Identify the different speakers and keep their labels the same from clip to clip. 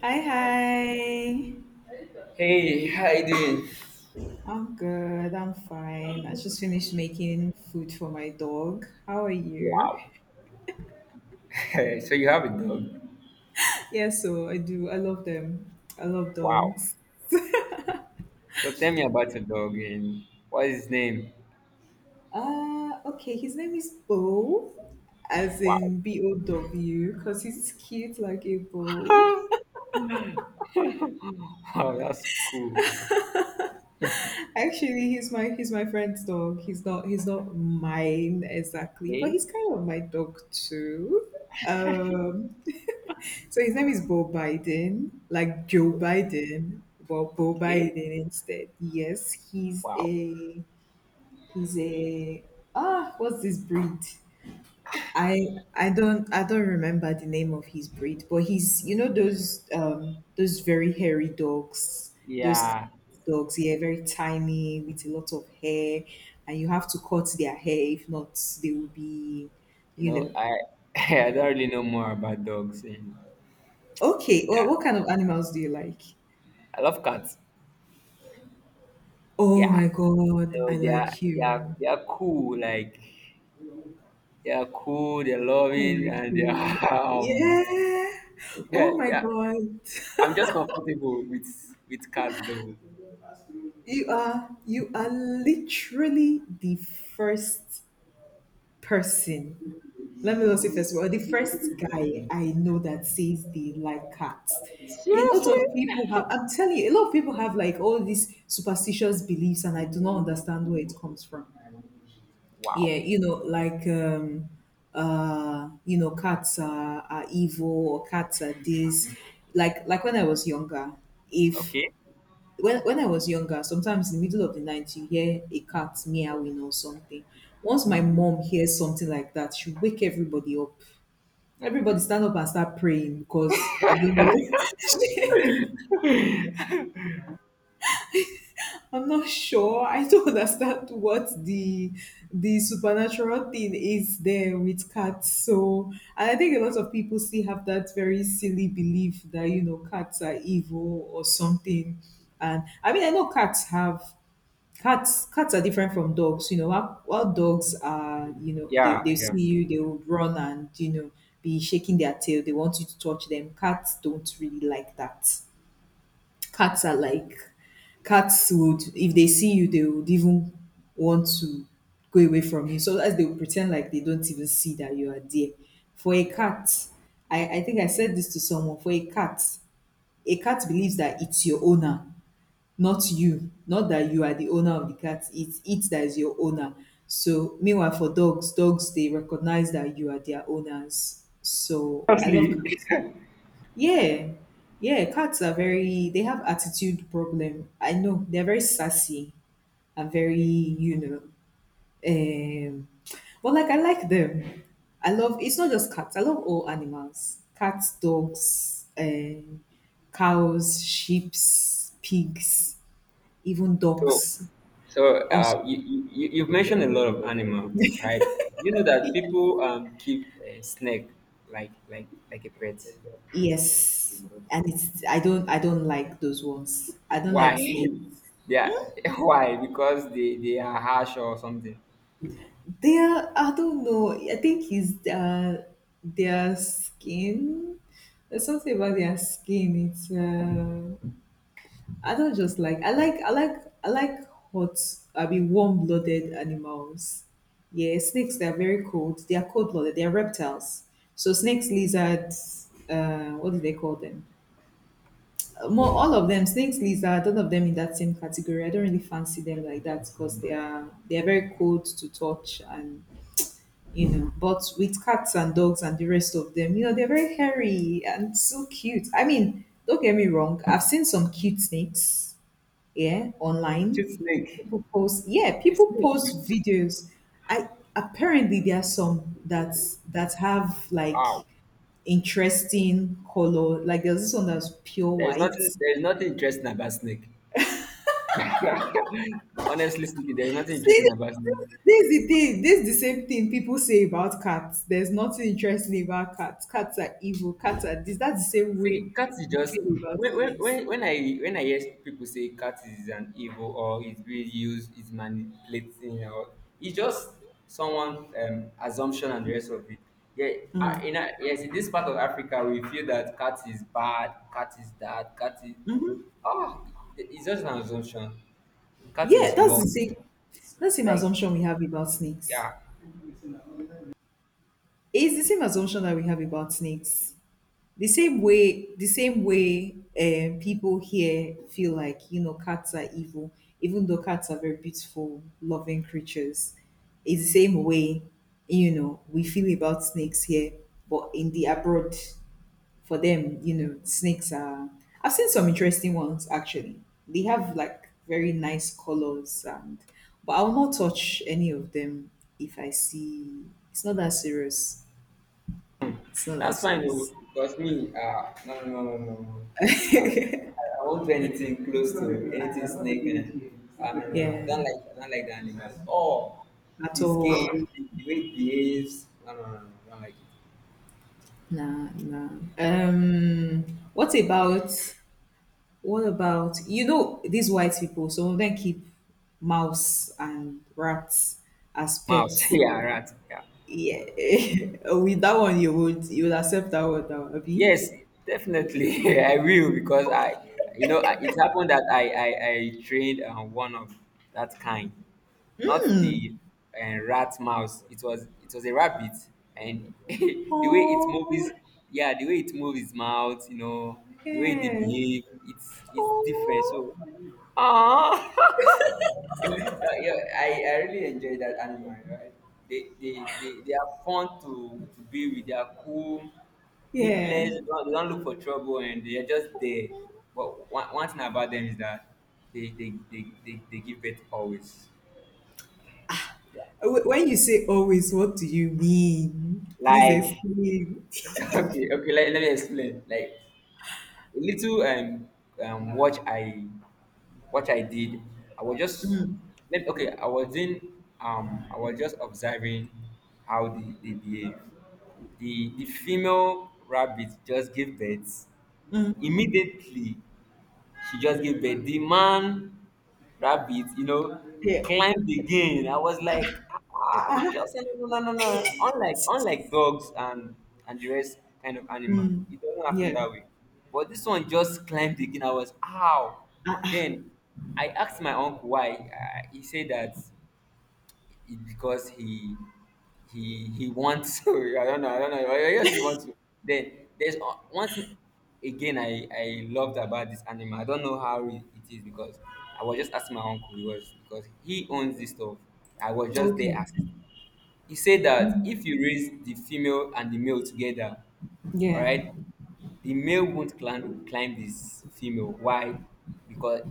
Speaker 1: Hi, hi.
Speaker 2: Hey, how you doing?
Speaker 1: I'm good. I'm fine. I just finished making food for my dog. How are you?
Speaker 2: Wow. So you have a dog.
Speaker 1: Yeah, so I do. I love them. I love
Speaker 2: Wow.
Speaker 1: dogs.
Speaker 2: So tell me about your dog and what is his name?
Speaker 1: Okay. His name is Bo, as
Speaker 2: Wow.
Speaker 1: in Bow, because he's cute like a bow.
Speaker 2: Wow, that's cool.
Speaker 1: Actually, he's my friend's dog. He's not mine exactly, but
Speaker 2: Okay,
Speaker 1: he's kind of my dog too. Um, So his name is Bo Biden, like Joe Biden, but Bo
Speaker 2: okay.
Speaker 1: Biden instead. Yes, he's
Speaker 2: Wow.
Speaker 1: a he's a ah what's this breed? I don't remember the name of his breed, but he's those very hairy dogs, those
Speaker 2: Yeah,
Speaker 1: dogs, yeah, very tiny with a lot of hair, and you have to cut their hair if not they will be,
Speaker 2: you
Speaker 1: you
Speaker 2: know
Speaker 1: know.
Speaker 2: I I don't really know more about dogs and
Speaker 1: Okay, well, what kind of animals do you like?
Speaker 2: I love cats.
Speaker 1: Oh
Speaker 2: Yeah,
Speaker 1: my God,
Speaker 2: so
Speaker 1: I
Speaker 2: they are
Speaker 1: like
Speaker 2: they are
Speaker 1: you.
Speaker 2: they are cool. Like they are cool. They're
Speaker 1: I
Speaker 2: loving
Speaker 1: like
Speaker 2: and they
Speaker 1: you.
Speaker 2: are
Speaker 1: Yeah.
Speaker 2: yeah,
Speaker 1: Oh my
Speaker 2: yeah.
Speaker 1: God.
Speaker 2: I'm just comfortable with cats though.
Speaker 1: You are literally the first person. Let me not say first of all, the first guy I know that says they like cats. A lot of people have, I'm telling you, a lot of people have like all these superstitious beliefs and I do not understand where it comes from. Yeah,
Speaker 2: Wow.
Speaker 1: you know, like you know, cats are evil or cats are this. Like when I was younger, if
Speaker 2: Okay.
Speaker 1: when I was younger, sometimes in the middle of the night you hear a cat meowing or something. Once my mom hears something like that, she wake everybody up. Everybody stand up and start praying because I don't know. I'm not sure. I don't understand what the supernatural thing is there with cats. So, and I think a lot of people still have that very silly belief that you know cats are evil or something. And I mean, I know cats have cats. Cats are different from dogs. You know, while dogs are, you know, they
Speaker 2: Yeah.
Speaker 1: they
Speaker 2: Yeah.
Speaker 1: see you, they will run and you know be shaking their tail. They want you to touch them. Cats don't really like that. Cats are like cats would, if they see you, they would even want to go away from you. So as they would pretend like they don't even see that you are there. For a cat, I think I said this to someone. For a cat believes that it's your owner, not you. Not that you are the owner of the cat. It's it that is your owner. So meanwhile for dogs, dogs they recognize that you are their owners. So I love
Speaker 2: Honestly.
Speaker 1: cats. Yeah. Yeah, cats are very, they have attitude problem. I know they're very sassy and very, um but like I like them. I love, it's not just cats, I love all animals. Cats, dogs, cows, sheep, pigs, even
Speaker 2: So,
Speaker 1: dogs.
Speaker 2: so
Speaker 1: Also,
Speaker 2: uh, you, you, you- you've mentioned a lot of animal, right? You know that people keep a snake like a pet.
Speaker 1: yes. And it's, I don't like those ones. I don't
Speaker 2: Why?
Speaker 1: like snakes.
Speaker 2: Yeah. Why? Because they are harsh or something.
Speaker 1: They are, I don't know. I think it's their skin. There's something about their skin. It's I don't just like. I like. I like. I like hot. I mean, warm-blooded animals. Yeah, snakes. They're very cold. They are cold-blooded. They are reptiles. So snakes, lizards. What do they call them? More all of them. Snakes, lizards. All of them in that same category. I don't really fancy them like that because they are very cold to touch and you know. But with cats and dogs and the rest of them, you know, they're very hairy and so cute. I mean, don't get me wrong, I've seen some cute snakes, yeah, online.
Speaker 2: Cute snake.
Speaker 1: People post, yeah,
Speaker 2: A
Speaker 1: people
Speaker 2: snake.
Speaker 1: post
Speaker 2: Cute.
Speaker 1: videos. I apparently there are some that have like
Speaker 2: Wow.
Speaker 1: interesting color. Like there's this one that's pure white.
Speaker 2: There is nothing interesting about snake. Honestly speaking, there's nothing
Speaker 1: See,
Speaker 2: interesting about it.
Speaker 1: this is the thing. This is the same thing people say about cats. There's nothing interesting about cats. Cats are evil. Cats are this. That's the same
Speaker 2: See,
Speaker 1: way
Speaker 2: cat is
Speaker 1: we
Speaker 2: just
Speaker 1: feel about
Speaker 2: when, when,
Speaker 1: snakes.
Speaker 2: when when I when I hear people say cat is an evil or it's being used, it's manipulating, or it's just someone assumption and the rest of it. Yeah, yes, in this part of Africa, we feel that cat is bad, cat is that, cat is ah, it's just an assumption. Cat
Speaker 1: Yeah,
Speaker 2: is
Speaker 1: that's
Speaker 2: love,
Speaker 1: the same. That's the same
Speaker 2: like,
Speaker 1: assumption we have about snakes.
Speaker 2: yeah.
Speaker 1: It's the same assumption that we have about snakes. The same way people here feel like you know cats are evil, even though cats are very beautiful loving creatures. It's the same way you know we feel about snakes here, but in the abroad, for them, you know, snakes are, I've seen some interesting ones actually. They have like very nice colors and but I will not touch any of them if I see. It's not that serious. It's not that
Speaker 2: That's fine. Oh,
Speaker 1: serious.
Speaker 2: because me, no, no, no, no, no, no. I, I won't do anything close to anything snake. Eh. I mean,
Speaker 1: Yeah,
Speaker 2: I don't like the animals. Oh,
Speaker 1: at
Speaker 2: this
Speaker 1: all.
Speaker 2: game, the way it behaves. No, no, no, no, I don't like it.
Speaker 1: Nah, nah. Um, what about what about you know these white people? Some of them keep mouse and rats as
Speaker 2: Mouse,
Speaker 1: pets.
Speaker 2: yeah, rat, yeah.
Speaker 1: Yeah, with that one, you would accept that one, Abi?
Speaker 2: Yes, definitely. I will because I, you know, I- it happened that I trained one of that kind, not the rat mouse. It was a rabbit, and the way it moves,
Speaker 1: Oh,
Speaker 2: yeah, the way it moves its mouth, you know, the way they
Speaker 1: yeah.
Speaker 2: behave, it's different. So
Speaker 1: Oh,
Speaker 2: yeah, yeah, I really enjoy that animal, right? They are fun to be with. They are cool, nipples.
Speaker 1: yeah.
Speaker 2: They don't look for trouble, and they are just there. But one thing about them is that they give birth always.
Speaker 1: Wh- When you say always, what do you mean? Please
Speaker 2: Like,
Speaker 1: explain.
Speaker 2: okay, okay. Let me explain. Like a little um what i what I did I was just let okay I was in I was just observing how they behave. The female rabbit just gave birth. Immediately she just gave birth, the man rabbit, you know,
Speaker 1: Yeah.
Speaker 2: climbed again. I was like, ah,
Speaker 1: Ah,
Speaker 2: just say no, no, no, no. Unlike dogs and the rest kind of animal,
Speaker 1: mm,
Speaker 2: it doesn't happen
Speaker 1: yeah.
Speaker 2: that way. But this one just climbed again. I was, ow.
Speaker 1: Ah,
Speaker 2: Then I asked my uncle why. He said that it because he wants to, I don't know, I guess he wants to. Then there's one thing again I loved about this animal. I don't know how it is because I was just asking my uncle. He was Because he owns this stuff, I was just there
Speaker 1: okay.
Speaker 2: asking. He said that
Speaker 1: Mhm.
Speaker 2: if you raise the female and the male together, all
Speaker 1: Yeah.
Speaker 2: right, the male won't climb this female. Why? Because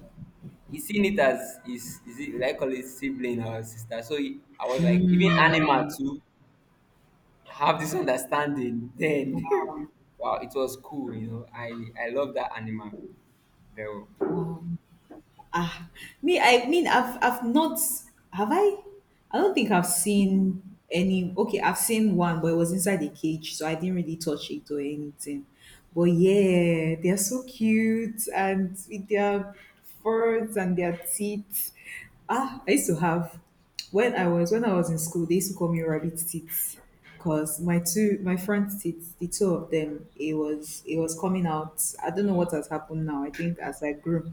Speaker 2: he seen it as his, is it like, call it sibling or sister. So he, I was like, even animal
Speaker 1: Mm,
Speaker 2: too have this understanding. Then,
Speaker 1: wow.
Speaker 2: wow, it was cool. I love that animal. Though,
Speaker 1: Um, ah, me, I mean, I've not, have I? I don't think I've seen any. Okay, I've seen one, but it was inside a cage, so I didn't really touch it or anything. But yeah, they're so cute and with their furs and their teeth. Ah, I used to have. When I was in school, they used to call me rabbit teeth because my two my front teeth, the two of them, it was coming out. I don't know what has happened now. I think as I grew,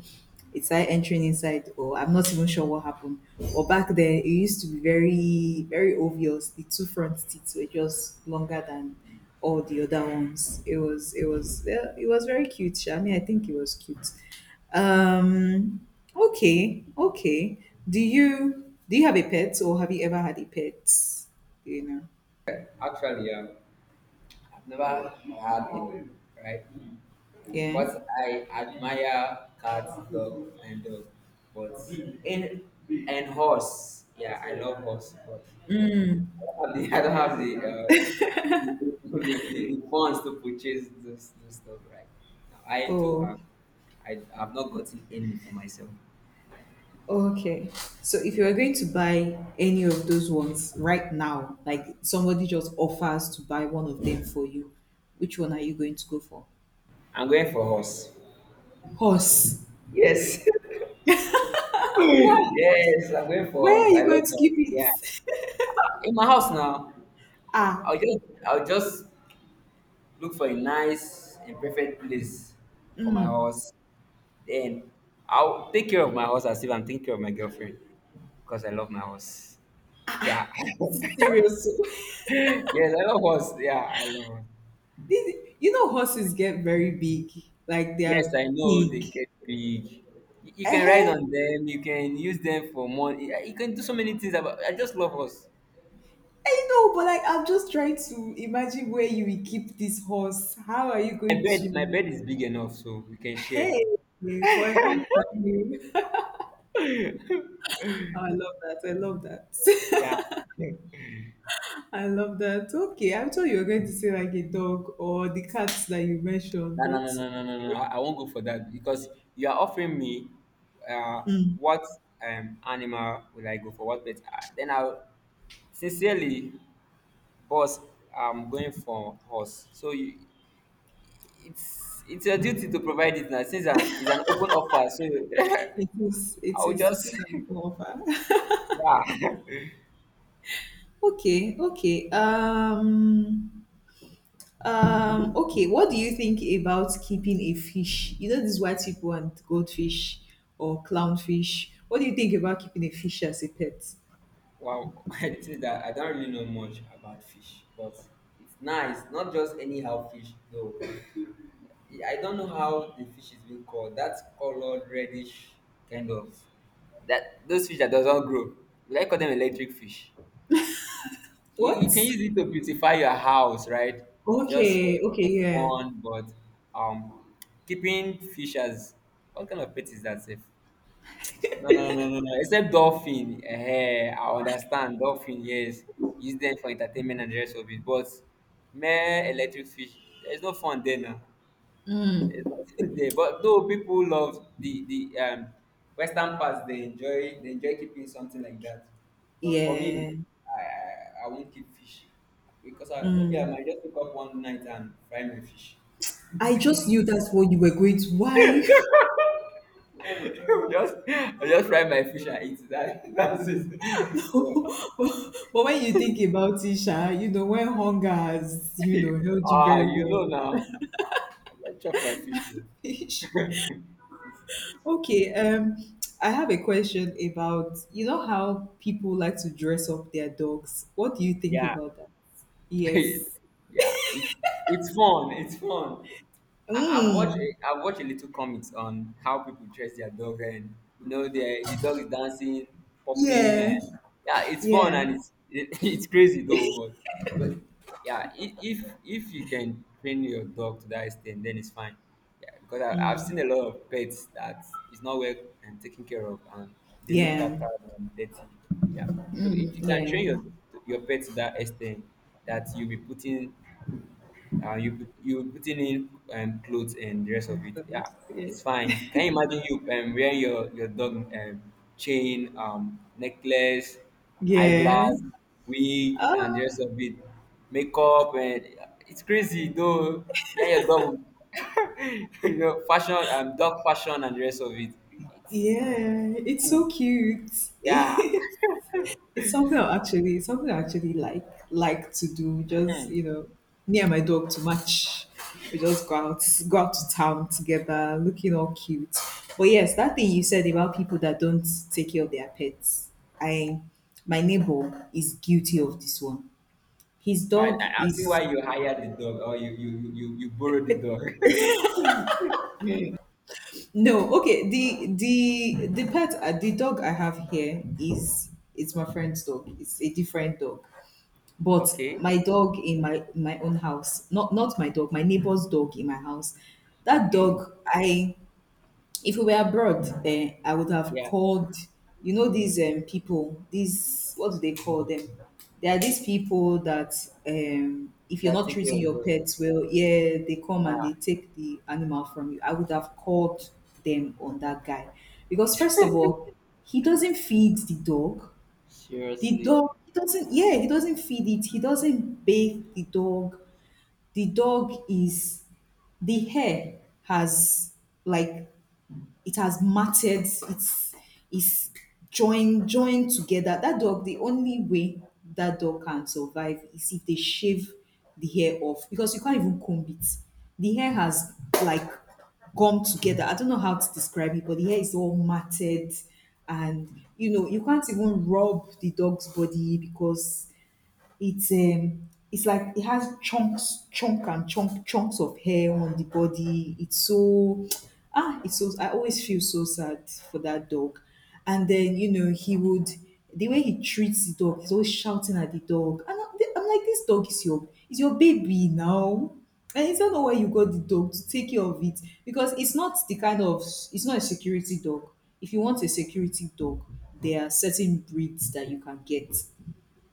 Speaker 1: it started entering inside, or I'm not even sure what happened. But back then, it used to be very very obvious. The two front teeth were just longer than all the other ones. It was yeah, it was very cute. Sha. I mean, I think it was cute. Um, Okay, okay. Do you have a pet or have you ever had a pet? Do you know?
Speaker 2: actually, yeah, I've never had it, right?
Speaker 1: Yeah.
Speaker 2: But I admire cats, dog, and dog. But in and horse, yeah, I love horse, but I don't have the I don't have the the funds to purchase those stuff right now. I do
Speaker 1: Oh,
Speaker 2: have. I have not gotten any for myself.
Speaker 1: okay. So if you are going to buy any of those ones right now, like somebody just offers to buy one of them for you, which one are you going to go for?
Speaker 2: I'm going for horse.
Speaker 1: Horse.
Speaker 2: Yes.
Speaker 1: Why?
Speaker 2: Yes, I'm going
Speaker 1: Why
Speaker 2: for
Speaker 1: are
Speaker 2: horse. I
Speaker 1: you going
Speaker 2: love
Speaker 1: to
Speaker 2: horse.
Speaker 1: keep
Speaker 2: Yeah.
Speaker 1: it?
Speaker 2: In my house now,
Speaker 1: Ah,
Speaker 2: I'll just I'll just look for a nice and perfect place for my horse. Then I'll take care of my horse as if I'm taking care of my girlfriend because I love my horse. Yeah.
Speaker 1: seriously.
Speaker 2: Yes, I love horse. Yeah, I love horse.
Speaker 1: This, you know horses get very big. Like they
Speaker 2: Yes,
Speaker 1: are
Speaker 2: I know they
Speaker 1: big.
Speaker 2: get big. You can ride
Speaker 1: Eh?
Speaker 2: on them. You can use them for money. You can do so many things. About, I just love horse.
Speaker 1: I know, but like I'm just trying to imagine where you will keep this horse. How are you going
Speaker 2: My
Speaker 1: to,
Speaker 2: bed is big enough, so we can
Speaker 1: hey,
Speaker 2: share.
Speaker 1: for a horse? I mean. Oh, I love that. I love that.
Speaker 2: Yeah,
Speaker 1: I love that. Okay, I thought you were going to say like a dog or the cats that you mentioned,
Speaker 2: no, no,
Speaker 1: but
Speaker 2: no, no, no, no, no. I won't go for that because you are offering me uh, what animal will I go for? What pet? Then I'll sincerely, boss, I'm going for horse. So you, it's your duty to provide it now since an, it's an open offer. So
Speaker 1: it is it
Speaker 2: I'll
Speaker 1: is it
Speaker 2: just
Speaker 1: is an offer.
Speaker 2: yeah.
Speaker 1: Okay, okay. Okay, what do you think about keeping a fish? You know, these white people want goldfish or clownfish. What do you think about keeping a fish as a pet?
Speaker 2: Wow, I say that I don't really know much about fish, but it's nice. Not just anyhow fish, though. I don't know how the fish is being called. That colored reddish kind of, that those fish that doesn't grow. We like call them electric fish. You can
Speaker 1: What?
Speaker 2: use it to beautify your house, right? Just
Speaker 1: Okay, okay,
Speaker 2: for the
Speaker 1: yeah.
Speaker 2: fun, but um, keeping fish as what kind of pet, is that safe? No, no, no, no, no. Except dolphin. Eh, I understand. Dolphin, yes. Use them for entertainment and the rest of it. But mere electric fish, there's no fun there now. It's not there. But though people love the Western parts, they enjoy keeping something like that. But for me,
Speaker 1: Yeah.
Speaker 2: I won't keep fish because I, maybe I might just wake up one night and fry my fish.
Speaker 1: I just knew that's what you were going to. Why?
Speaker 2: I just fry my fish and eat that. That's it. So,
Speaker 1: But when you think about it, Sha, you know, when hunger has, you know, held you
Speaker 2: ah,
Speaker 1: very
Speaker 2: you know
Speaker 1: well.
Speaker 2: now. I just chop my fish. Oh.
Speaker 1: Okay, I have a question about you know how people like to dress up their dogs. What do you think
Speaker 2: Yeah,
Speaker 1: about that? Yes.
Speaker 2: yeah, it's fun. It's fun.
Speaker 1: Mm.
Speaker 2: I've watched a little comics on how people dress their dog, and you know the dog is dancing, popping, and
Speaker 1: Yeah.
Speaker 2: yeah, it's fun
Speaker 1: Yeah.
Speaker 2: and it's it's crazy though. But yeah, if you can train your dog to that extent, then it's fine. Yeah, because I've seen a lot of pets that is not well and taken care of, and they look
Speaker 1: Yeah.
Speaker 2: that tired and dirty. Yeah. So if you can train
Speaker 1: Yeah.
Speaker 2: your pet to that extent that you'll be putting you'll be putting in clothes and the rest of it, yeah,
Speaker 1: Yeah.
Speaker 2: it's fine. Can you imagine you wearing your dog, chain, necklace,
Speaker 1: Yeah.
Speaker 2: eyeglass, wig, and the
Speaker 1: Ah,
Speaker 2: rest of it, makeup, and yeah, it's crazy though. Yeah, your dog, will- you know, fashion, dog fashion, and the rest of it. It's
Speaker 1: yeah. It's
Speaker 2: cool.
Speaker 1: so cute.
Speaker 2: Yeah.
Speaker 1: It's something I actually like to do. Just you know, me and my dog too much. We just go out to town together, looking all cute. But yes, that thing you said about people that don't take care of their pets, I, my neighbor is guilty of this one. His
Speaker 2: Right,
Speaker 1: dog
Speaker 2: I see
Speaker 1: is,
Speaker 2: why you hired the dog or you borrowed the dog.
Speaker 1: no okay. The pet, the dog I have here is, it's my friend's dog. It's a different dog. But
Speaker 2: Okay,
Speaker 1: my dog in my own house, not not my dog, my neighbor's dog in my house. That
Speaker 2: okay.
Speaker 1: dog, I, if we were abroad, eh, I would have
Speaker 2: Yeah,
Speaker 1: called. You know these people, these what do they call them? There are these people that if you're
Speaker 2: that
Speaker 1: not
Speaker 2: take care
Speaker 1: treating
Speaker 2: of
Speaker 1: your
Speaker 2: dog.
Speaker 1: pets well, yeah, they come and
Speaker 2: Yeah,
Speaker 1: they take the animal from you. I would have called them on that guy because first of all, he doesn't feed the dog, the
Speaker 2: seriously.
Speaker 1: dog, he doesn't feed it. He doesn't bathe the dog. The dog is, the hair has, like, it has matted. It's joined together. That dog, the only way that dog can survive is if they shave the hair off, because you can't even comb it. The hair has, like, gum together. I don't know how to describe it, but the hair is all matted. And you know, you can't even rub the dog's body because it's like it has chunks, chunk and chunk chunks of hair on the body. It's so I always feel so sad for that dog. And then, you know, he would the way he treats the dog, he's always shouting at the dog. And I'm like, this dog is your baby now. And it's not know why you got the dog, to take care of it. Because it's not the kind of it's not a security dog. If you want a security dog, there are certain breeds that you can get,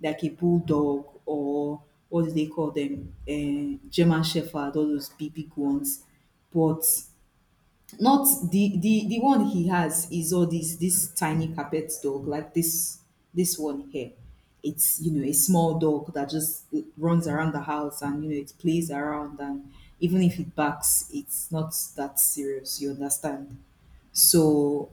Speaker 1: like a bulldog, or what do they call them? German Shepherd, all those big, big ones. But not the one he has is all this tiny carpet dog, like this one here. It's, a small dog that just runs around the house, and it plays around, and even if it barks, it's not that serious, you understand. So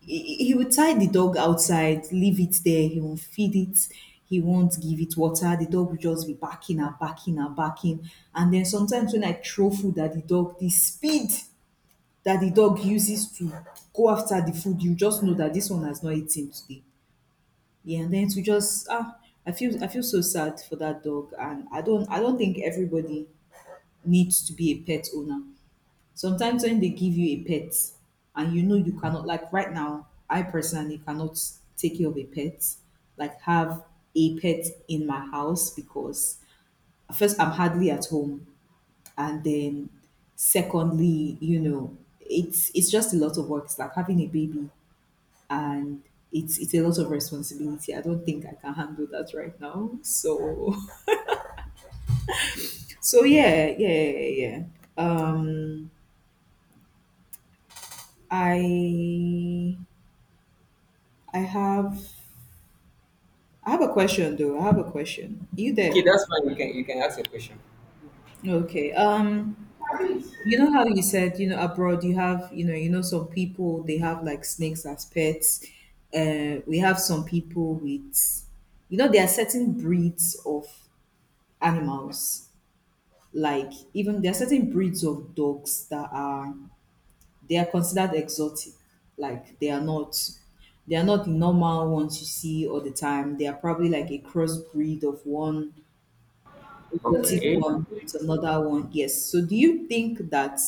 Speaker 1: he would tie the dog outside, leave it there. He won't feed it. He won't give it water. The dog will just be barking and barking and barking. And then sometimes when I throw food at the dog, the speed that the dog uses to go after the food, you just know that this one has not eaten today. Yeah. And then to just, ah, I feel so sad for that dog. And I don't think everybody needs to be a pet owner. Sometimes when they give you a pet, and you know you cannot like right now, I personally cannot take care of a pet, like have a pet in my house, because first, I'm hardly at home. And then secondly, you know, it's just a lot of work. It's like having a baby. And it's a lot of responsibility. I don't think I can handle that right now. So so yeah, yeah, yeah, yeah. um i i have I have a question, though. I have a question, you
Speaker 2: Okay,
Speaker 1: there?
Speaker 2: that's fine. You can ask a question.
Speaker 1: Okay. You know how you said, abroad you have, some people they have like snakes as pets. We have some people with, there are certain breeds of animals. Like, even there are certain breeds of dogs that are they are considered exotic. Like, they are not the normal ones you see all the time. They are probably like a crossbreed of one exotic
Speaker 2: Okay.
Speaker 1: one with another one. Yes. So do you think that?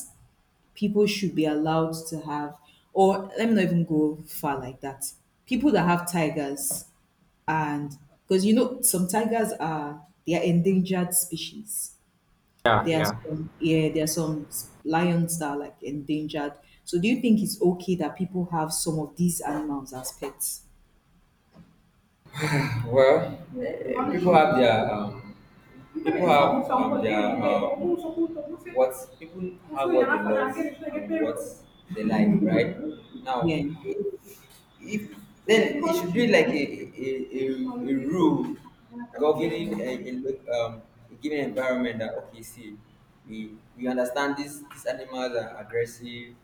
Speaker 1: People should be allowed to have, or let me not even go far like that. People that have tigers, and because you know, some tigers are they are endangered species.
Speaker 2: Yeah,
Speaker 1: There are
Speaker 2: yeah.
Speaker 1: some yeah, there are some lions that are, like, endangered. So do you think it's okay that people have some of these animals as pets?
Speaker 2: Well, eh, people have their people have um, their uh, people have what they love and what they like, right?
Speaker 1: Yeah.
Speaker 2: Now, if then it should be like a rule governing a given environment that, okay, see, we understand these animals are aggressive,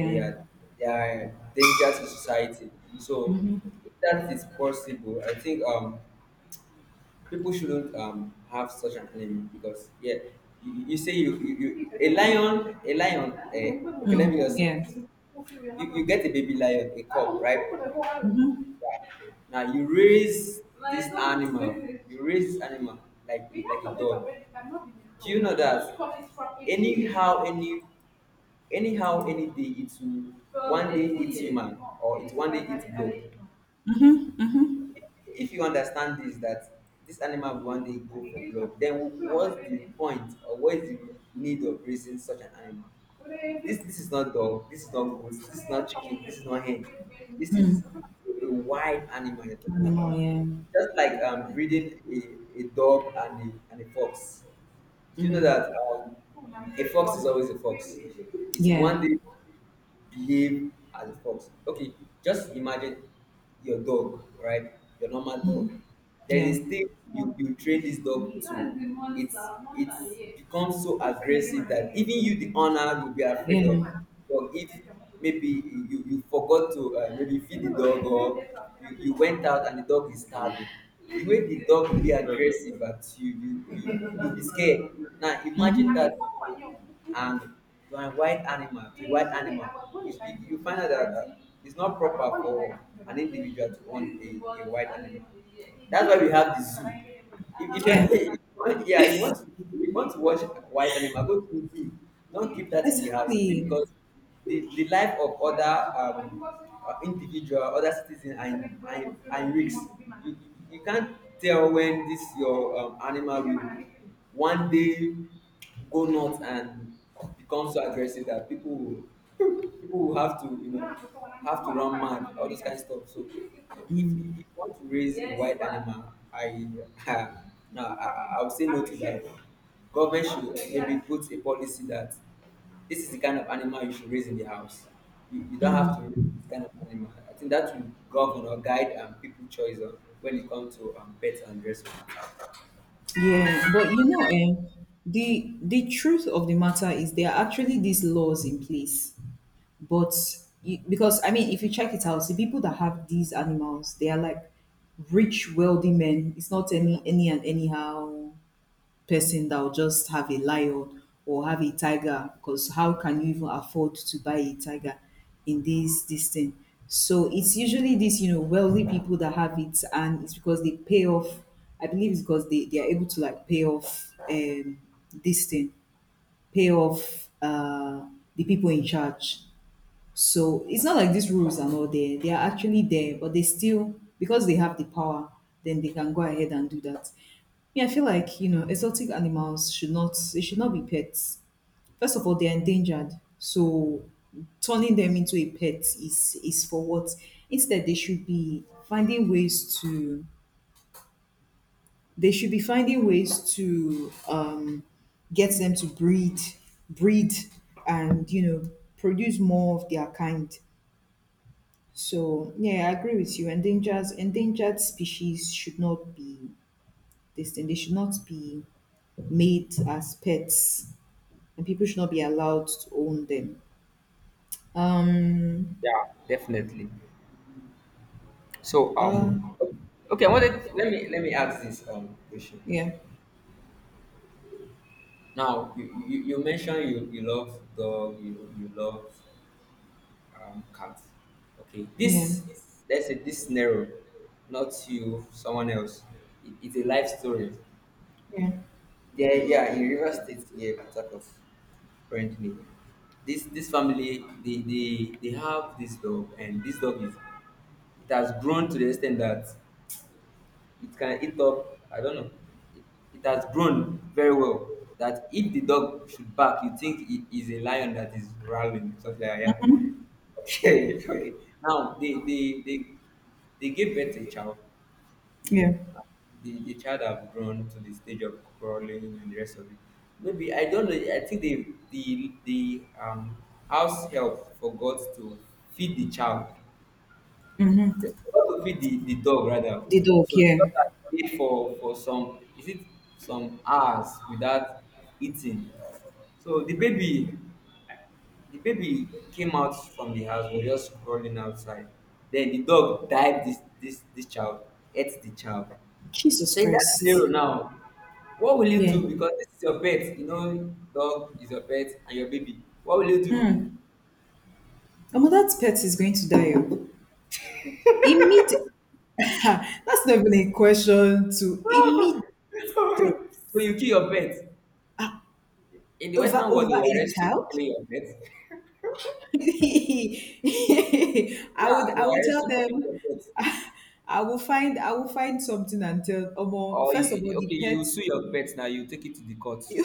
Speaker 2: they are they are danger to society. So if that is possible, I think people shouldn't have such an enemy. Because yeah, you say you a lion, a lion, eh, okay, let
Speaker 1: Mm,
Speaker 2: me just
Speaker 1: yeah.
Speaker 2: you, you get a baby lion, a cub, right? Now you raise this animal. you raise this animal like a dog, do you know that anyhow any anyhow any day it will one day eat human, or it one day eat dog? If you understand this, that this animal will one day go for blood, then what's the point or what is the need of raising such an animal? This is not dog, this is not goat, this is not chicken, this is not hen, this is a wild animal you're talking
Speaker 1: Animal,
Speaker 2: about.
Speaker 1: yeah.
Speaker 2: Just like breeding a dog and a fox. Do you know that a fox is always a fox, it will
Speaker 1: Yeah.
Speaker 2: one day behave as a fox. Okay, just imagine your dog, right? Your normal dog. There's
Speaker 1: Yeah.
Speaker 2: a stage you train this dog to it's it becomes so aggressive that even you the owner will be afraid
Speaker 1: Yeah.
Speaker 2: of. Or if maybe you forgot to maybe feed the dog, or you went out and the dog is starving, the way the dog will be aggressive at you, you'll be scared. Now imagine that,
Speaker 1: Hmm.
Speaker 2: and to an wild animal, you find out that it's not proper for an individual to own a wild animal. That's why we have the zoo. If you're
Speaker 1: Yeah.
Speaker 2: if you want- yeah, if you want to watch wild animal, go to the zoo. Don't keep that in the house,
Speaker 1: Exactly.
Speaker 2: because the life of other individual, other citizens are in risk. You, you you can't tell when this your animal will one day go nuts and become so aggressive that people will have to have to run mad, all those kind of stuff. So if you want to raise a wild animal, I no, I would say no to that. Government should maybe put a policy that this is the kind of animal you should raise in the house. You don't have to raise this kind of animal. I think that will govern or guide people choice on when it comes to pets and the rest of it.
Speaker 1: Yeah, but you know, the truth of the matter is, there are actually these laws in place, but because, I mean, if you check it out, the people that have these animals, they are, like, rich, wealthy men. It's not any and anyhow person that will just have a lion or have a tiger. Because how can you even afford to buy a tiger in this thing? So it's usually these, wealthy people that have it, and it's because they pay off. I believe it's because they are able to, like, pay off, this thing, pay off, the people in charge. So it's not like these rules are not there. They are actually there, but they still, because they have the power, then they can go ahead and do that. Yeah, I feel like, exotic animals should not, they should not be pets. First of all, they're endangered. So turning them into a pet is for what? Instead, they should be finding ways to get them to breed, breed, and, you know, produce more of their kind. So yeah, I agree with you. Endangered species should not be this thing. They should not be made as pets, and people should not be allowed to own them. Um.
Speaker 2: Yeah, definitely. So
Speaker 1: Uh.
Speaker 2: okay. I wanted let me ask this question.
Speaker 1: Yeah.
Speaker 2: Now you mentioned you love dog, you love cats. Okay,
Speaker 1: Yeah.
Speaker 2: this let's say this scenario, not you, someone else. It's a life story.
Speaker 1: Yeah.
Speaker 2: Yeah, yeah, in Rivers State, yeah, Port currently. This family, they have this dog, and this dog is it has grown to the extent that it can eat up, I don't know, it, it has grown very well that if the dog should bark, you think it is a lion that is growling, something like that. Yeah, okay. Okay, now they gave birth to a child.
Speaker 1: Yeah.
Speaker 2: The child have grown to the stage of crawling and the rest of it. Maybe, I don't know, I think the house help forgot to feed the child. They forgot to feed the dog, rather.
Speaker 1: The dog.
Speaker 2: So the
Speaker 1: Yeah.
Speaker 2: dog had stayed for some is it some hours without eating. So the baby came out from the house, was just crawling outside. Then the dog dived this child, ate the child.
Speaker 1: Jesus
Speaker 2: So in that
Speaker 1: Christ.
Speaker 2: scenario now, what will you
Speaker 1: Yeah.
Speaker 2: do? Because this is your pet, you know, dog is your pet and your baby. What will you do?
Speaker 1: Mm. Omo, that pet is going to die. Immediate. That's not even a question. To immediate.
Speaker 2: So you kill your pet. In the
Speaker 1: over
Speaker 2: Western world,
Speaker 1: over
Speaker 2: they will
Speaker 1: a
Speaker 2: arrest you for
Speaker 1: child.
Speaker 2: killing your pet.
Speaker 1: I
Speaker 2: Yeah,
Speaker 1: would
Speaker 2: they were
Speaker 1: I would tell
Speaker 2: arrested for taking your
Speaker 1: them.
Speaker 2: pet.
Speaker 1: I will find something, and tell Omo,
Speaker 2: Or
Speaker 1: first of all the
Speaker 2: okay,
Speaker 1: pet.
Speaker 2: you sue your pet now. You take it to the court.
Speaker 1: You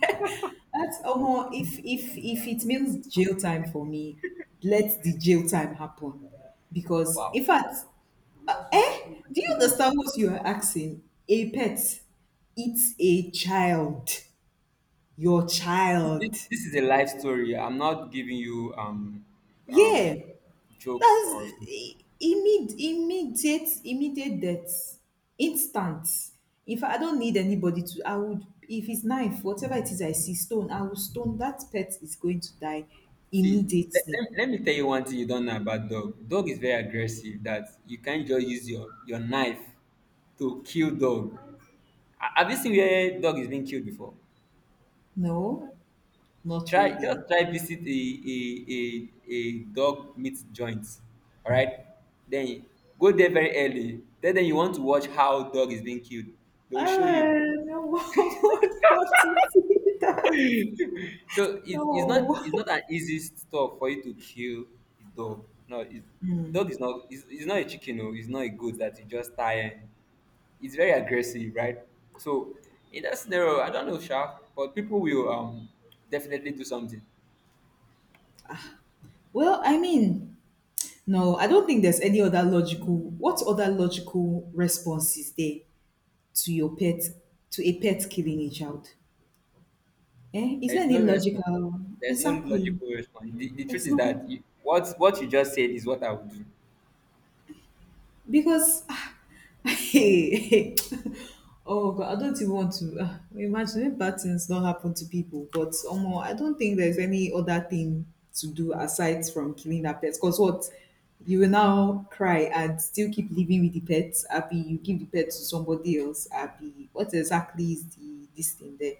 Speaker 1: pet. That's Omo, if it means jail time for me, let the jail time happen. Because,
Speaker 2: Wow,
Speaker 1: in fact, do you understand what you are asking? A pet, it's a child. Your
Speaker 2: this,
Speaker 1: child.
Speaker 2: this is a life story. I'm not giving you um
Speaker 1: Yeah.
Speaker 2: joke
Speaker 1: That's
Speaker 2: or something.
Speaker 1: i- immediate death. Instant. If I don't need anybody to I would, if it's knife, whatever it is, I see stone, I will stone. That pet is going to die
Speaker 2: See. Let,
Speaker 1: immediately.
Speaker 2: let me tell you one thing you don't know about dog. Dog is very aggressive. That you can't just use your knife to kill dog. Have you seen where dog is being killed before?
Speaker 1: No. Not
Speaker 2: Try, just
Speaker 1: really.
Speaker 2: try visit a a dog meat joint. All right, then go there very early. Then you want to watch how dog is being killed. They will show
Speaker 1: Ah,
Speaker 2: you.
Speaker 1: no I don't want to see that.
Speaker 2: So it's, it's not
Speaker 1: No.
Speaker 2: it's not an easy stuff for you to kill a dog. No, dog is not. It's not a chicken or it's not a goat that you just tie. It's very aggressive, right? So in that scenario, I don't know, Sha, but people will definitely do something.
Speaker 1: Well, I mean, no, I don't think there's any other logical what other logical response is there to your pet to a pet killing a child. Eh, is
Speaker 2: There
Speaker 1: there
Speaker 2: is
Speaker 1: any
Speaker 2: no response.
Speaker 1: logical?
Speaker 2: There's no
Speaker 1: Exactly.
Speaker 2: logical response. The truth
Speaker 1: There's
Speaker 2: is
Speaker 1: no
Speaker 2: that you, what you just said is what I would do.
Speaker 1: because hey, oh God, I don't even want to, imagine if bad things not happen to people. But, I don't think there's any other thing to do aside from killing that pet. Because what you will now cry and still keep living with the pet. Happy? You give the pet to somebody else. Happy. What exactly is the this thing there?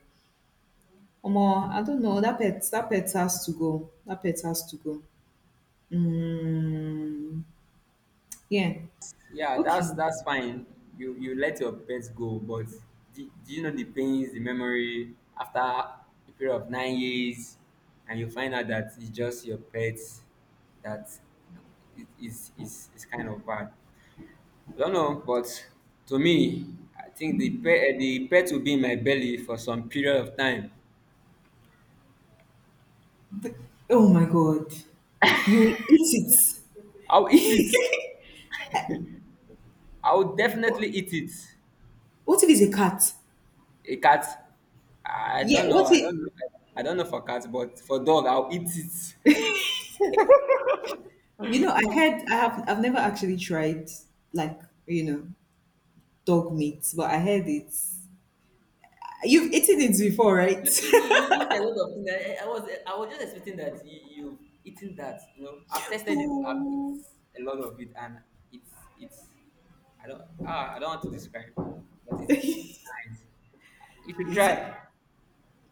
Speaker 1: Omo, I don't know. That pet has to go. That pet has to go. Mm, yeah.
Speaker 2: Yeah, that's
Speaker 1: Okay.
Speaker 2: that's fine. You let your pets go, but do you know the pains, the memory after a period of 9 years, and you find out that it's just your pet that it is kind of bad. I don't know, but to me, I think the pet will be in my belly for some period of time.
Speaker 1: But- oh my God. You will eat it.
Speaker 2: I'll eat it. I'll definitely
Speaker 1: But
Speaker 2: eat it.
Speaker 1: what if it's a cat?
Speaker 2: A cat. I
Speaker 1: Yeah.
Speaker 2: don't know.
Speaker 1: What
Speaker 2: I
Speaker 1: if,
Speaker 2: don't know. I don't know for cats, but for dog, I'll eat it.
Speaker 1: I heard, I've never actually tried, like, you know, dog meat, but I heard it. You've eaten it before, right?
Speaker 2: You eat a lot of things. I was just expecting that you've eaten that. You know, I've tested it. I've
Speaker 1: So,
Speaker 2: eaten a lot of it, and it's it's. I don't want to describe, but it's nice. You should
Speaker 1: is it,
Speaker 2: try.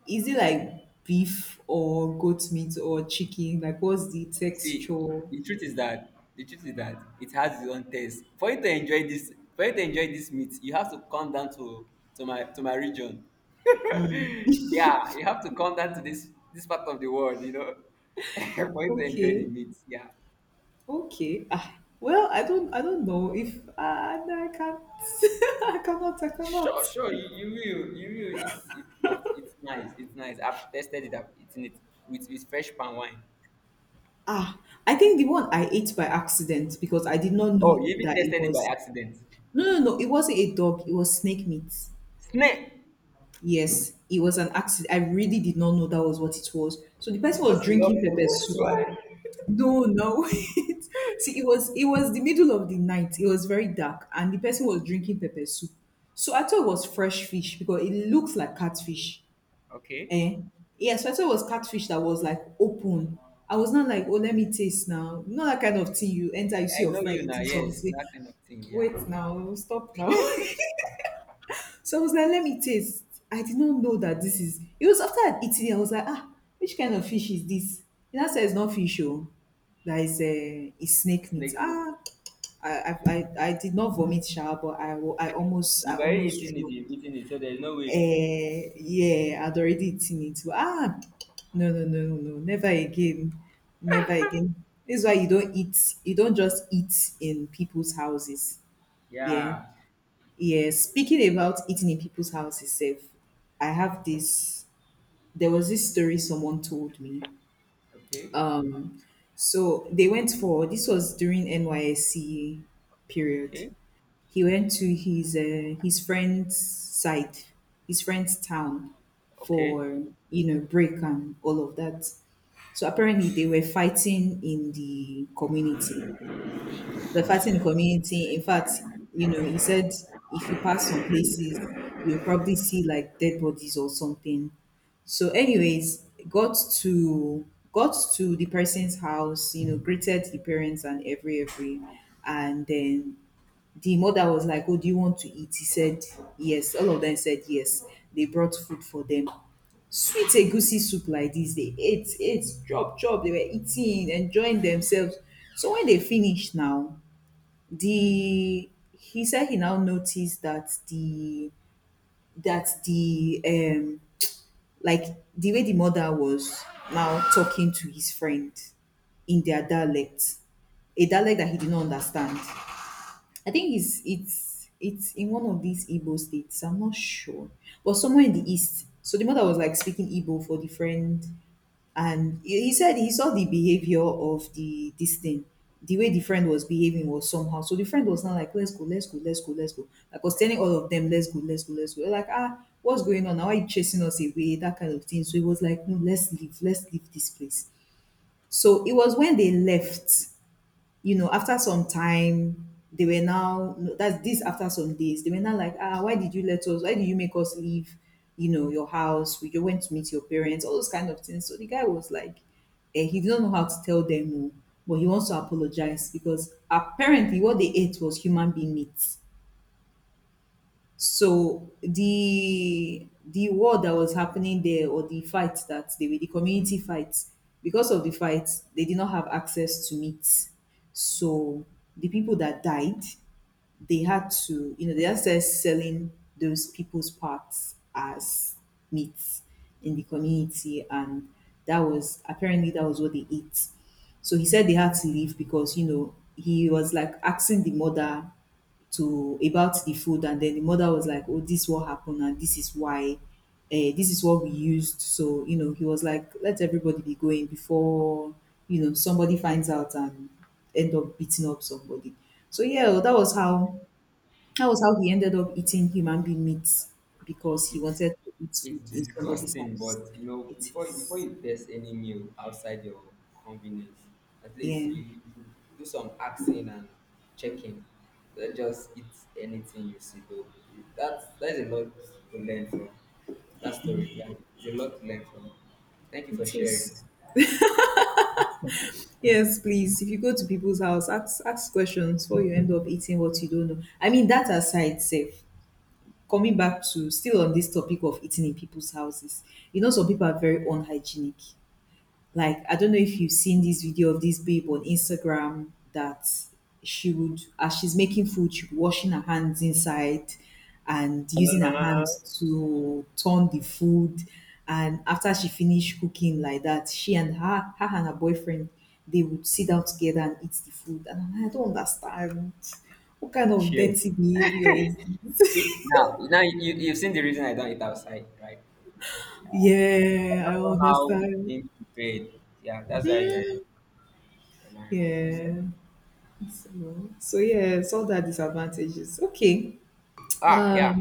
Speaker 1: is it like beef or goat meat or chicken? Like, what's the
Speaker 2: See,
Speaker 1: texture?
Speaker 2: the truth is that it has its own taste. For you to enjoy this, for you to enjoy this meat, you have to come down to my region. Yeah, you have to come down to this part of the world, you know, for you to enjoy the
Speaker 1: Okay.
Speaker 2: meat. Yeah,
Speaker 1: Okay. Ah, well, I don't know if, no, I can't. I cannot.
Speaker 2: sure, you will. It's it, it, it's nice, it's nice. I've tested it, I've eaten it with fresh palm wine.
Speaker 1: Ah, I think the one I ate by accident, because I did not
Speaker 2: Oh,
Speaker 1: know
Speaker 2: you even
Speaker 1: that it
Speaker 2: tested it by
Speaker 1: was
Speaker 2: accident.
Speaker 1: no no, no, it wasn't a dog, it was snake meat.
Speaker 2: Snake,
Speaker 1: Yes, it was an accident. I really did not know that was what it was. So the person
Speaker 2: because
Speaker 1: was
Speaker 2: you love
Speaker 1: drinking
Speaker 2: food,
Speaker 1: pepper
Speaker 2: that's
Speaker 1: soup.
Speaker 2: why.
Speaker 1: No, no. Wait. See, it was the middle of the night. It was very dark, and the person was drinking pepper soup. So I thought it was fresh fish because it looks like catfish.
Speaker 2: Okay.
Speaker 1: Eh. Yeah, so I thought it was catfish that was like open. I was not like, oh, let me taste now. Not that kind of thing. You enter, you see
Speaker 2: I
Speaker 1: your
Speaker 2: know
Speaker 1: friend
Speaker 2: you now,
Speaker 1: eating
Speaker 2: yes,
Speaker 1: something.
Speaker 2: that kind of thing, yeah.
Speaker 1: Wait now, stop now. So I was like, let me taste. I did not know that this is. It was after I'd eaten it, I was like, which kind of fish is this? And I said, it's not fish, oh. That is
Speaker 2: It's
Speaker 1: snake meat.
Speaker 2: like meat.
Speaker 1: I did not vomit, sha, but I
Speaker 2: You've already
Speaker 1: almost
Speaker 2: eaten it,
Speaker 1: threw up.
Speaker 2: you've eaten it, so there's no way.
Speaker 1: Eh, yeah, I'd already eaten it. But, no, no, no, no, no, never again, never again. This is why you don't eat. You don't just eat in people's houses. Yeah,
Speaker 2: Yeah.
Speaker 1: yeah. Speaking about eating in people's houses, safe. I have this. There was this story someone told me.
Speaker 2: Okay.
Speaker 1: So they went for this was during NYSC period.
Speaker 2: Okay.
Speaker 1: He went to his, his friend's side, his friend's town
Speaker 2: Okay.
Speaker 1: for, break and all of that. So apparently they were fighting in the community, the fighting in the community. In fact, he said if you pass some places, you'll probably see, like, dead bodies or something. So, anyways, got to the person's house, you know, greeted the parents and every, and then the mother was like, "Oh, do you want to eat?" He said, "Yes." All of them said yes. They brought food for them. Sweet egusi soup like this, they ate, ate, chop, chop. They were eating, enjoying themselves. So when they finished now, the he said he now noticed that the like the way the mother was now talking to his friend in their dialect, a dialect that he did not understand. I think it's in one of these Igbo states, I'm not sure, but somewhere in the east. So the mother was, like, speaking Igbo for the friend. And he said he saw the behavior of the this thing. The way the friend was behaving was somehow. So the friend was now like, let's go, let's go, let's go, let's go. Like was telling all of them, let's go, let's go, let's go. Like, ah, what's going on? Now are you chasing us away? That kind of thing. So he was like, no, let's leave this place. So it was when they left, you know, after some time, they were now no, that's this after some days, they were now like, ah, why did you let us? Why did you make us leave? You know, your house. We just went to meet your parents. All those kind of things. So the guy was like, he didn't know how to tell them no, but he wants to apologize because apparently what they ate was human being meat. So the war that was happening there, or the fight that they were, the community fights, because of the fight, they did not have access to meat. So the people that died, they had to, you know, they just started selling those people's parts as meat in the community, and that was apparently that was what they ate. So he said they had to leave because, you know, he was like asking the mother to, about the food, and then the mother was like, oh, this is what happened, and this is why, this is what we used. So you know, he was like, let everybody be going before, you know, somebody finds out and end up beating up somebody. So yeah, that was how, that was how he ended up eating human being meat because he
Speaker 2: It's
Speaker 1: wanted to eat
Speaker 2: it's
Speaker 1: food in somebody's
Speaker 2: disgusting,
Speaker 1: house.
Speaker 2: but you know,
Speaker 1: It
Speaker 2: before
Speaker 1: is.
Speaker 2: you test any meal outside your convenience, at least
Speaker 1: Yeah,
Speaker 2: you should do some asking and checking. Don't just eat anything you see, though. That's a lot to learn from that story. Yeah, it's a lot to learn from. Thank you for
Speaker 1: it
Speaker 2: sharing.
Speaker 1: is. Yes, please. If you go to people's house, ask questions before you end up eating what you don't know. I mean, that aside, safe. Coming back to, still on this topic of eating in people's houses, you know, some people are very unhygienic. Like, I don't know if you've seen this video of this babe on Instagram that she would, as she's making food, she'd be washing her hands inside and using her hands to turn the food. And after she finished cooking like that, she and her, her and her boyfriend, they would sit down together and eat the food. And I'm like, I don't understand. What kind of
Speaker 2: Chill.
Speaker 1: dirty behavior is this?
Speaker 2: See, now you've seen the reason I don't eat outside, right? I
Speaker 1: Yeah, I
Speaker 2: don't know how it's
Speaker 1: understand.
Speaker 2: being prepared. Yeah, that's why I don't really eat outside.
Speaker 1: Yeah. So, so yeah, it's all that disadvantages. Okay.
Speaker 2: Ah, yeah.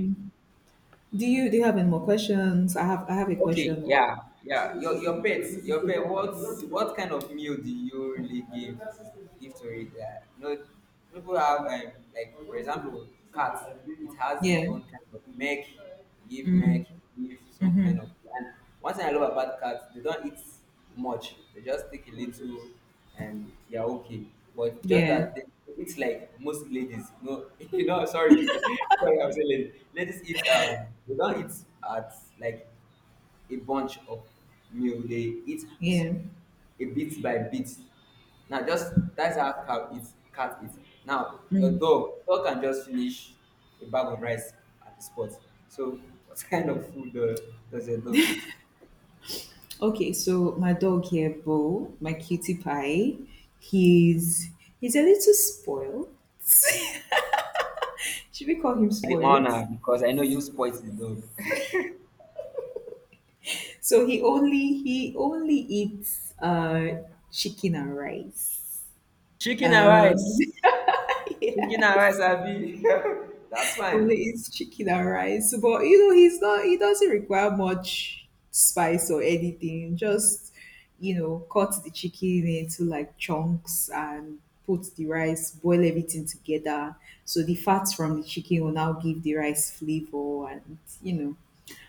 Speaker 1: Do you have any more questions? I have a
Speaker 2: Okay,
Speaker 1: question though.
Speaker 2: yeah, yeah. Your pet, your pet. What kind of meal do you really give to it? Yeah, you know, people have, like for example, cats. It has its
Speaker 1: Yeah.
Speaker 2: own kind of milk. Give milk. Give some kind
Speaker 1: Mm-hmm.
Speaker 2: of. And one thing I love about cats, they don't eat much. They just take a little, and they're okay. But just
Speaker 1: Yeah.
Speaker 2: that it's like most ladies. No, you know. Sorry, sorry. I'm saying ladies. Ladies eat. They don't eat at, like, a bunch of meal, they eat
Speaker 1: Yeah.
Speaker 2: a bit by bit. Now, just that's how cow eats, cat eat. Now your dog can just finish a bag of rice at the spot. So what kind of food, does your dog eat?
Speaker 1: Okay, so my dog here, Bo, my cutie pie, he's he's a little spoiled. Should we call him
Speaker 2: The
Speaker 1: spoiled?
Speaker 2: honor, because I know you spoil the dog.
Speaker 1: So he only eats chicken and rice.
Speaker 2: Chicken and rice.
Speaker 1: Um
Speaker 2: Chicken
Speaker 1: yeah.
Speaker 2: and rice, abi? that's fine.
Speaker 1: Only it's chicken and rice, but you know he's not. He doesn't require much spice or anything. Just, you know, cut the chicken into like chunks and put the rice, boil everything together. So the fats from the chicken will now give the rice flavor, and you know,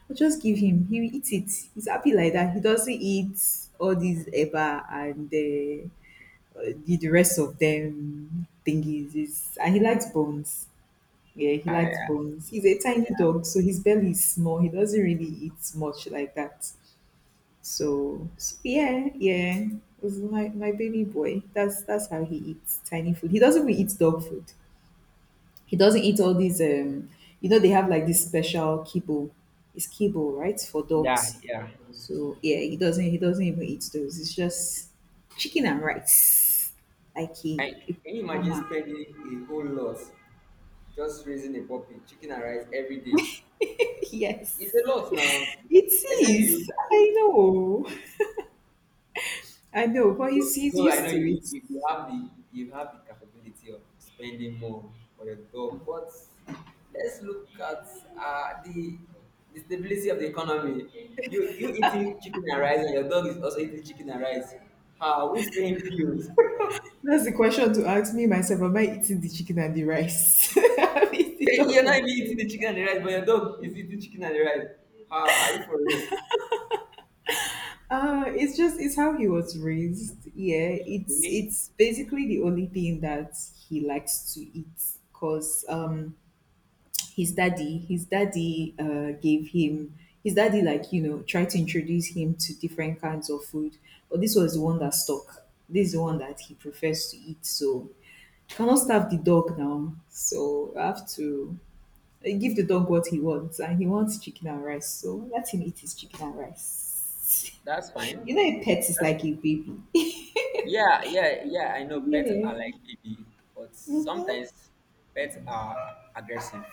Speaker 1: I just give him. He will eat it. He's happy like that. He doesn't eat all these eba and the rest of them thingies. It's, and he likes bones. Yeah, he likes bones. He's a tiny dog, so his belly is small. He doesn't really eat much like that. So, so yeah, yeah. It was my baby boy. That's how he eats tiny food. He doesn't really eat dog food. He doesn't eat all these you know, they have like this special kibble. It's kibble, right? For
Speaker 2: Yeah,
Speaker 1: dogs.
Speaker 2: yeah.
Speaker 1: So yeah, he doesn't even eat those. It's just chicken and rice. Like he
Speaker 2: Like, can you imagine
Speaker 1: farmer.
Speaker 2: spending a whole lot just raising a puppy chicken and rice every day?
Speaker 1: Yes.
Speaker 2: It's a lot now.
Speaker 1: It
Speaker 2: Except
Speaker 1: is.
Speaker 2: you,
Speaker 1: I know. I know, but he's
Speaker 2: though I know
Speaker 1: used to
Speaker 2: you,
Speaker 1: it.
Speaker 2: you, you have the you have the capability of spending more for your dog, but let's look at uh, the the stability of the economy. You eating chicken and rice, and your dog is also eating chicken and rice. How? Who's paying bills?
Speaker 1: That's the question to ask me myself. Am I eating the chicken and the rice? I'm eating
Speaker 2: You're
Speaker 1: tacos.
Speaker 2: not even eating the chicken and the rice, but your dog is eating chicken and the rice. How are you for real?
Speaker 1: It's just, it's how he was raised. Yeah,
Speaker 2: Okay,
Speaker 1: it's basically the only thing that he likes to eat because his daddy gave him, his daddy like you know, tried to introduce him to different kinds of food, but this was the one that stuck. This is the one that he prefers to eat. So I cannot starve the dog now. So I have to, give the dog what he wants, and he wants chicken and rice. So let him eat his chicken and rice.
Speaker 2: that's fine.
Speaker 1: You know, a pet is
Speaker 2: That's
Speaker 1: like a baby.
Speaker 2: Yeah, yeah, yeah. I know pets
Speaker 1: Yeah.
Speaker 2: are like baby, but
Speaker 1: hmm
Speaker 2: sometimes pets are aggressive,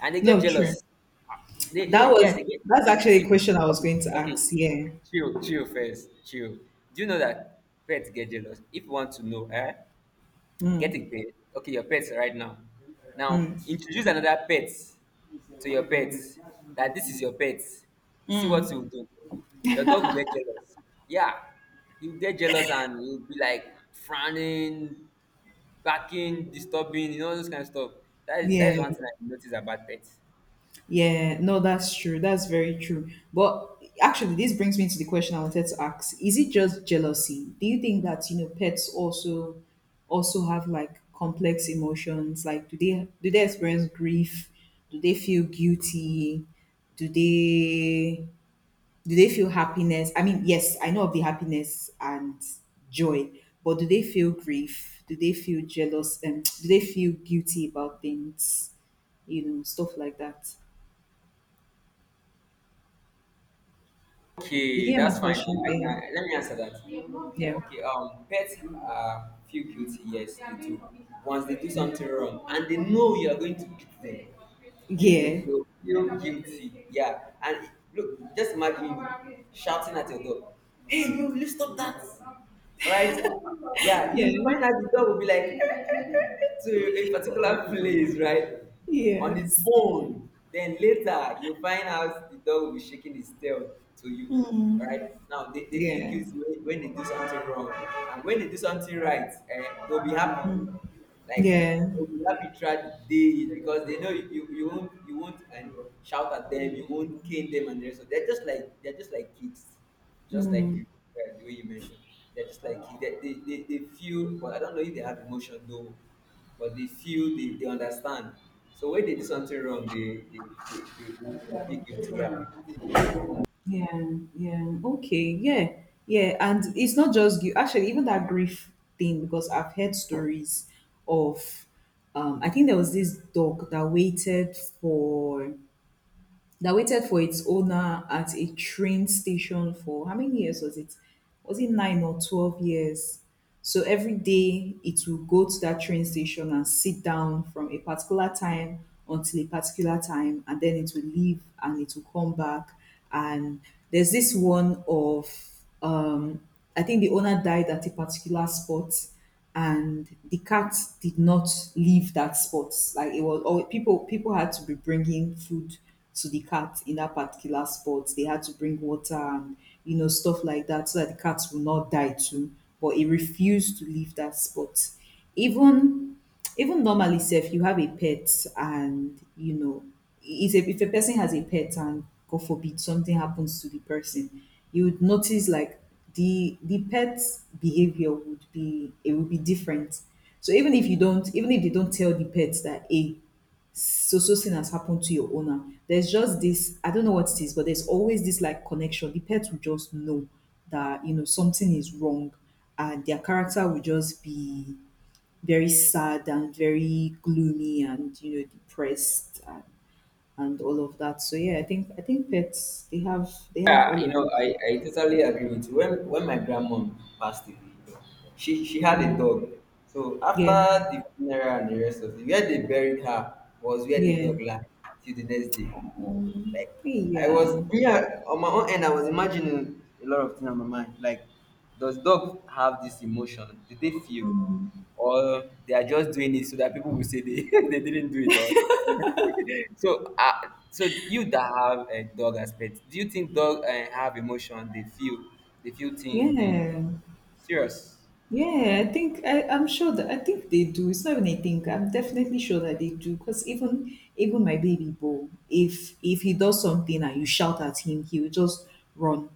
Speaker 2: and they get
Speaker 1: No, true.
Speaker 2: jealous. Yeah,
Speaker 1: That
Speaker 2: yeah,
Speaker 1: was
Speaker 2: they get.
Speaker 1: that's
Speaker 2: Okay,
Speaker 1: actually a
Speaker 2: see.
Speaker 1: question I was
Speaker 2: Okay,
Speaker 1: going to
Speaker 2: okay.
Speaker 1: ask. Yeah.
Speaker 2: Chill, chill first, chill. Do you know that pets get jealous? If you want to know, eh? Get
Speaker 1: Mm.
Speaker 2: a pet. Okay, your pet right now. Now introduce another pet to your pet. That this is your pet. See what you will do. Your dog will get jealous. Yeah, you get jealous and you'll be like frowning, barking, disturbing, you know, all those kind of stuff. That is that
Speaker 1: Yeah.
Speaker 2: is one thing I notice about pets.
Speaker 1: Yeah, no, that's true. That's very true. But actually, this brings me to the question I wanted to ask. Is it just jealousy? Do you think that, you know, pets also, also have like complex emotions? Like do they experience grief? Do they feel guilty? Do they do they feel happiness? I mean, yes, I know of the happiness and joy, but do they feel grief? Do they feel jealous and do they feel guilty about things? You know, stuff like that. Did
Speaker 2: Okay,
Speaker 1: you hear
Speaker 2: that's
Speaker 1: my
Speaker 2: fine. I
Speaker 1: question?
Speaker 2: can,
Speaker 1: Yeah.
Speaker 2: let me answer that.
Speaker 1: Yeah.
Speaker 2: Okay, pets are feel guilty, yes, they do. Once they do something wrong and they know you are going to beat them, they
Speaker 1: Yeah.
Speaker 2: will feel guilty. Yeah, and look, just imagine you shouting at your dog: hey, you stop that, right? Yeah, you
Speaker 1: Yeah.
Speaker 2: find out the dog will be like to a particular place, right? On its
Speaker 1: Yes.
Speaker 2: own. Then later, you find out the dog will be shaking its tail to you. All right.
Speaker 1: Mm.
Speaker 2: Now they feel
Speaker 1: Yeah.
Speaker 2: guilty when they do something wrong, and when they do something right, they'll be happy. Like,
Speaker 1: Yeah.
Speaker 2: they'll be happy throughout the day because they know you, you, you won't and shout at them, you won't cane them, and the rest of. They're just like kids, just like you. The way you mentioned, they're just like you. They feel, but I don't know if they have emotion, though. But they feel, they understand. So when they do something wrong, they feel guilty, yeah.
Speaker 1: Yeah. Yeah. Okay. Yeah. Yeah. And it's not just you. Actually, even that grief thing, because I've heard stories of, I think there was this dog that waited for its owner at a train station for how many years was it? Was it 9 or 12 years? So every day it will go to that train station and sit down from a particular time until a particular time, and then it will leave and it will come back. And there's this one of, um, I think the owner died at a particular spot, and the cat did not leave that spot. Like it was, or people had to be bringing food to the cat in that particular spot. They had to bring water and you know stuff like that, so that the cat will not die too. But it refused to leave that spot. Even Even normally, if you have a pet and you know, if a person has a pet and god forbid something happens to the person, you would notice like the pet's behavior would be, it would be different. So even if you don't, even if they don't tell the pet that, hey, so so thing has happened to your owner, there's just this, I don't know what it is, but there's always this like connection. The pet will just know that, you know, something is wrong, and their character will just be very sad and very gloomy and you know depressed and all of that. So yeah, I think, I think pets, they have
Speaker 2: Yeah,
Speaker 1: all
Speaker 2: you
Speaker 1: of
Speaker 2: know,
Speaker 1: those
Speaker 2: i
Speaker 1: things.
Speaker 2: i totally agree with you. When my grandma passed away, you know, she had a
Speaker 1: Mm.
Speaker 2: dog. So
Speaker 1: Yeah,
Speaker 2: after the funeral and the rest of it, where they buried her was where the
Speaker 1: yeah.
Speaker 2: dog lay till the next day. Like, I was,
Speaker 1: Yeah.
Speaker 2: yeah, on my own end I was imagining a lot of things on my mind. Like, does dog have this emotion? Did they feel?
Speaker 1: Mm.
Speaker 2: Or they are just doing it so that people will say they didn't do it all. so uh, so you that have a dog as pet, do you think dog have emotion? They feel things, they
Speaker 1: Yeah.
Speaker 2: serious.
Speaker 1: Yeah, I think I, I'm sure that I think they do. It's not even a think. I'm definitely sure that they do. Because even my baby Bo, if he does something and you shout at him, he will just run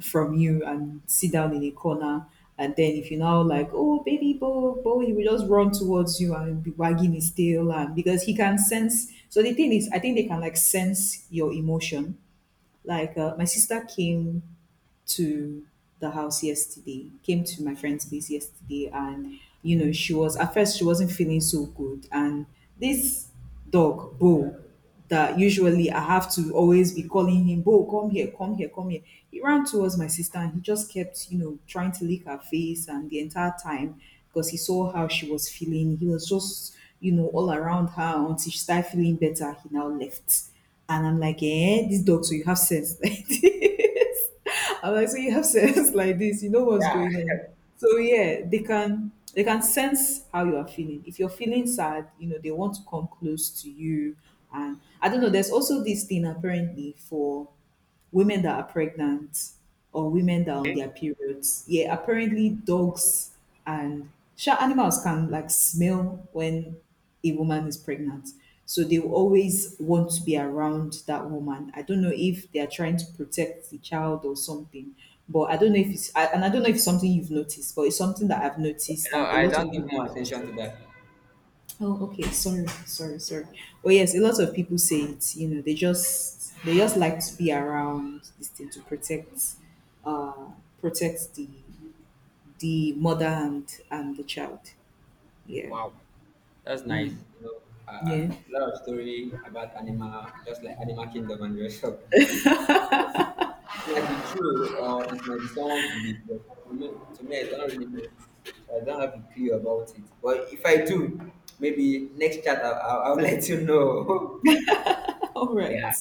Speaker 1: from you and sit down in a corner. And then if you now like, oh baby Bo, Bo, he will just run towards you and be wagging his tail and because he can sense. So the thing is, I think they can like sense your emotion. Like my sister came to the house yesterday, came to my friend's place yesterday, and you know, she was, at first she wasn't feeling so good. And this dog, Bo, that usually I have to always be calling him, Bo, come here, come here, come here. He ran towards my sister and he just kept, you know, trying to lick her face, and the entire time because he saw how she was feeling. He was just, you know, all around her until she started feeling better. He now left. And I'm like, eh, this dog, so you have sense like this. I'm like, so you have sense like this, you know what's
Speaker 2: Yeah.
Speaker 1: going on. So yeah, they can sense how you are feeling. If you're feeling sad, you know, they want to come close to you. And I don't know, there's also this thing apparently for women that are pregnant or women that are on their periods. Yeah, apparently dogs and sure animals can like smell when a woman is pregnant. So they will always want to be around that woman. I don't know if they are trying to protect the child or something, but I don't know if it's something you've noticed, but it's something that I've noticed,
Speaker 2: No,
Speaker 1: and a
Speaker 2: I
Speaker 1: lot
Speaker 2: don't
Speaker 1: of people.
Speaker 2: give more attention to that.
Speaker 1: Oh, okay. Sorry, sorry, sorry. Well, yes, a lot of people say it. You know, they just, they just like to be around this thing to protect, uh, protect the mother and the child. Yeah.
Speaker 2: Wow, that's nice. You know,
Speaker 1: Yeah.
Speaker 2: lot of story about animal, just like animal kingdom and the rest of. It might be true, or it might be someone's belief, but to me, I don't really know. So I don't have a clue about it. But if I do, maybe next chat I'll let you know.
Speaker 1: All right.
Speaker 2: Yeah,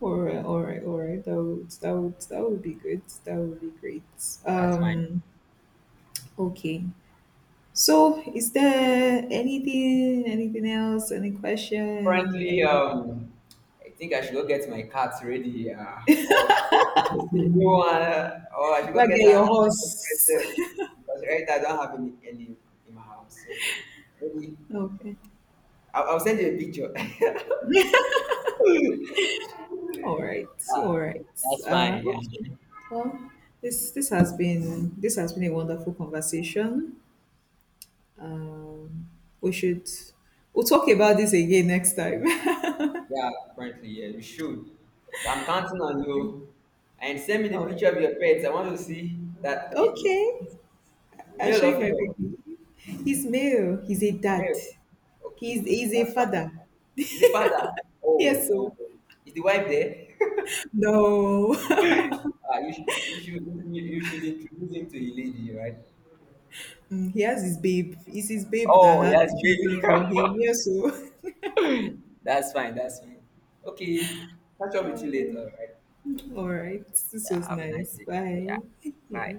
Speaker 1: All right. All right. All right. That would be good. That would be great.
Speaker 2: that's fine.
Speaker 1: Okay. So, is there anything, anything else, any question,
Speaker 2: Currently,
Speaker 1: any?
Speaker 2: I think I should go get my cat ready, or I should go get a new one, or I should
Speaker 1: Go
Speaker 2: go
Speaker 1: and
Speaker 2: get
Speaker 1: get
Speaker 2: an
Speaker 1: your
Speaker 2: animal
Speaker 1: horse.
Speaker 2: present, because right now I don't have any, in my house. So maybe
Speaker 1: Okay.
Speaker 2: I'll send you a picture. Yeah,
Speaker 1: All right, all right.
Speaker 2: that's fine. Yeah,
Speaker 1: Okay. Well, this has been a wonderful conversation. Um, we should we'll talk about this again next time.
Speaker 2: yeah. Currently, yeah, you should. So I'm counting on you, and send me the
Speaker 1: All right.
Speaker 2: picture of your pets. I want to see that it
Speaker 1: Okay.
Speaker 2: is
Speaker 1: I'll
Speaker 2: male
Speaker 1: show you
Speaker 2: or
Speaker 1: my
Speaker 2: female.
Speaker 1: baby. He's male. He's a dad.
Speaker 2: Mary. Okay,
Speaker 1: He's a
Speaker 2: that's fine.
Speaker 1: father.
Speaker 2: Is the father. Oh,
Speaker 1: Yes. So
Speaker 2: oh, oh. Is the wife there?
Speaker 1: no.
Speaker 2: Ah, you should introduce him to a lady, right?
Speaker 1: Mm, he has his babe. It's his babe that
Speaker 2: Oh,
Speaker 1: had
Speaker 2: yes, baby.
Speaker 1: children for him. Yes. So.
Speaker 2: That's fine. That's fine. Okay, catch up with you later, all
Speaker 1: Um,
Speaker 2: right?
Speaker 1: all right. This
Speaker 2: Yeah,
Speaker 1: was
Speaker 2: have a nice
Speaker 1: nice.
Speaker 2: day. Yeah,
Speaker 1: Bye. Yeah.
Speaker 2: bye.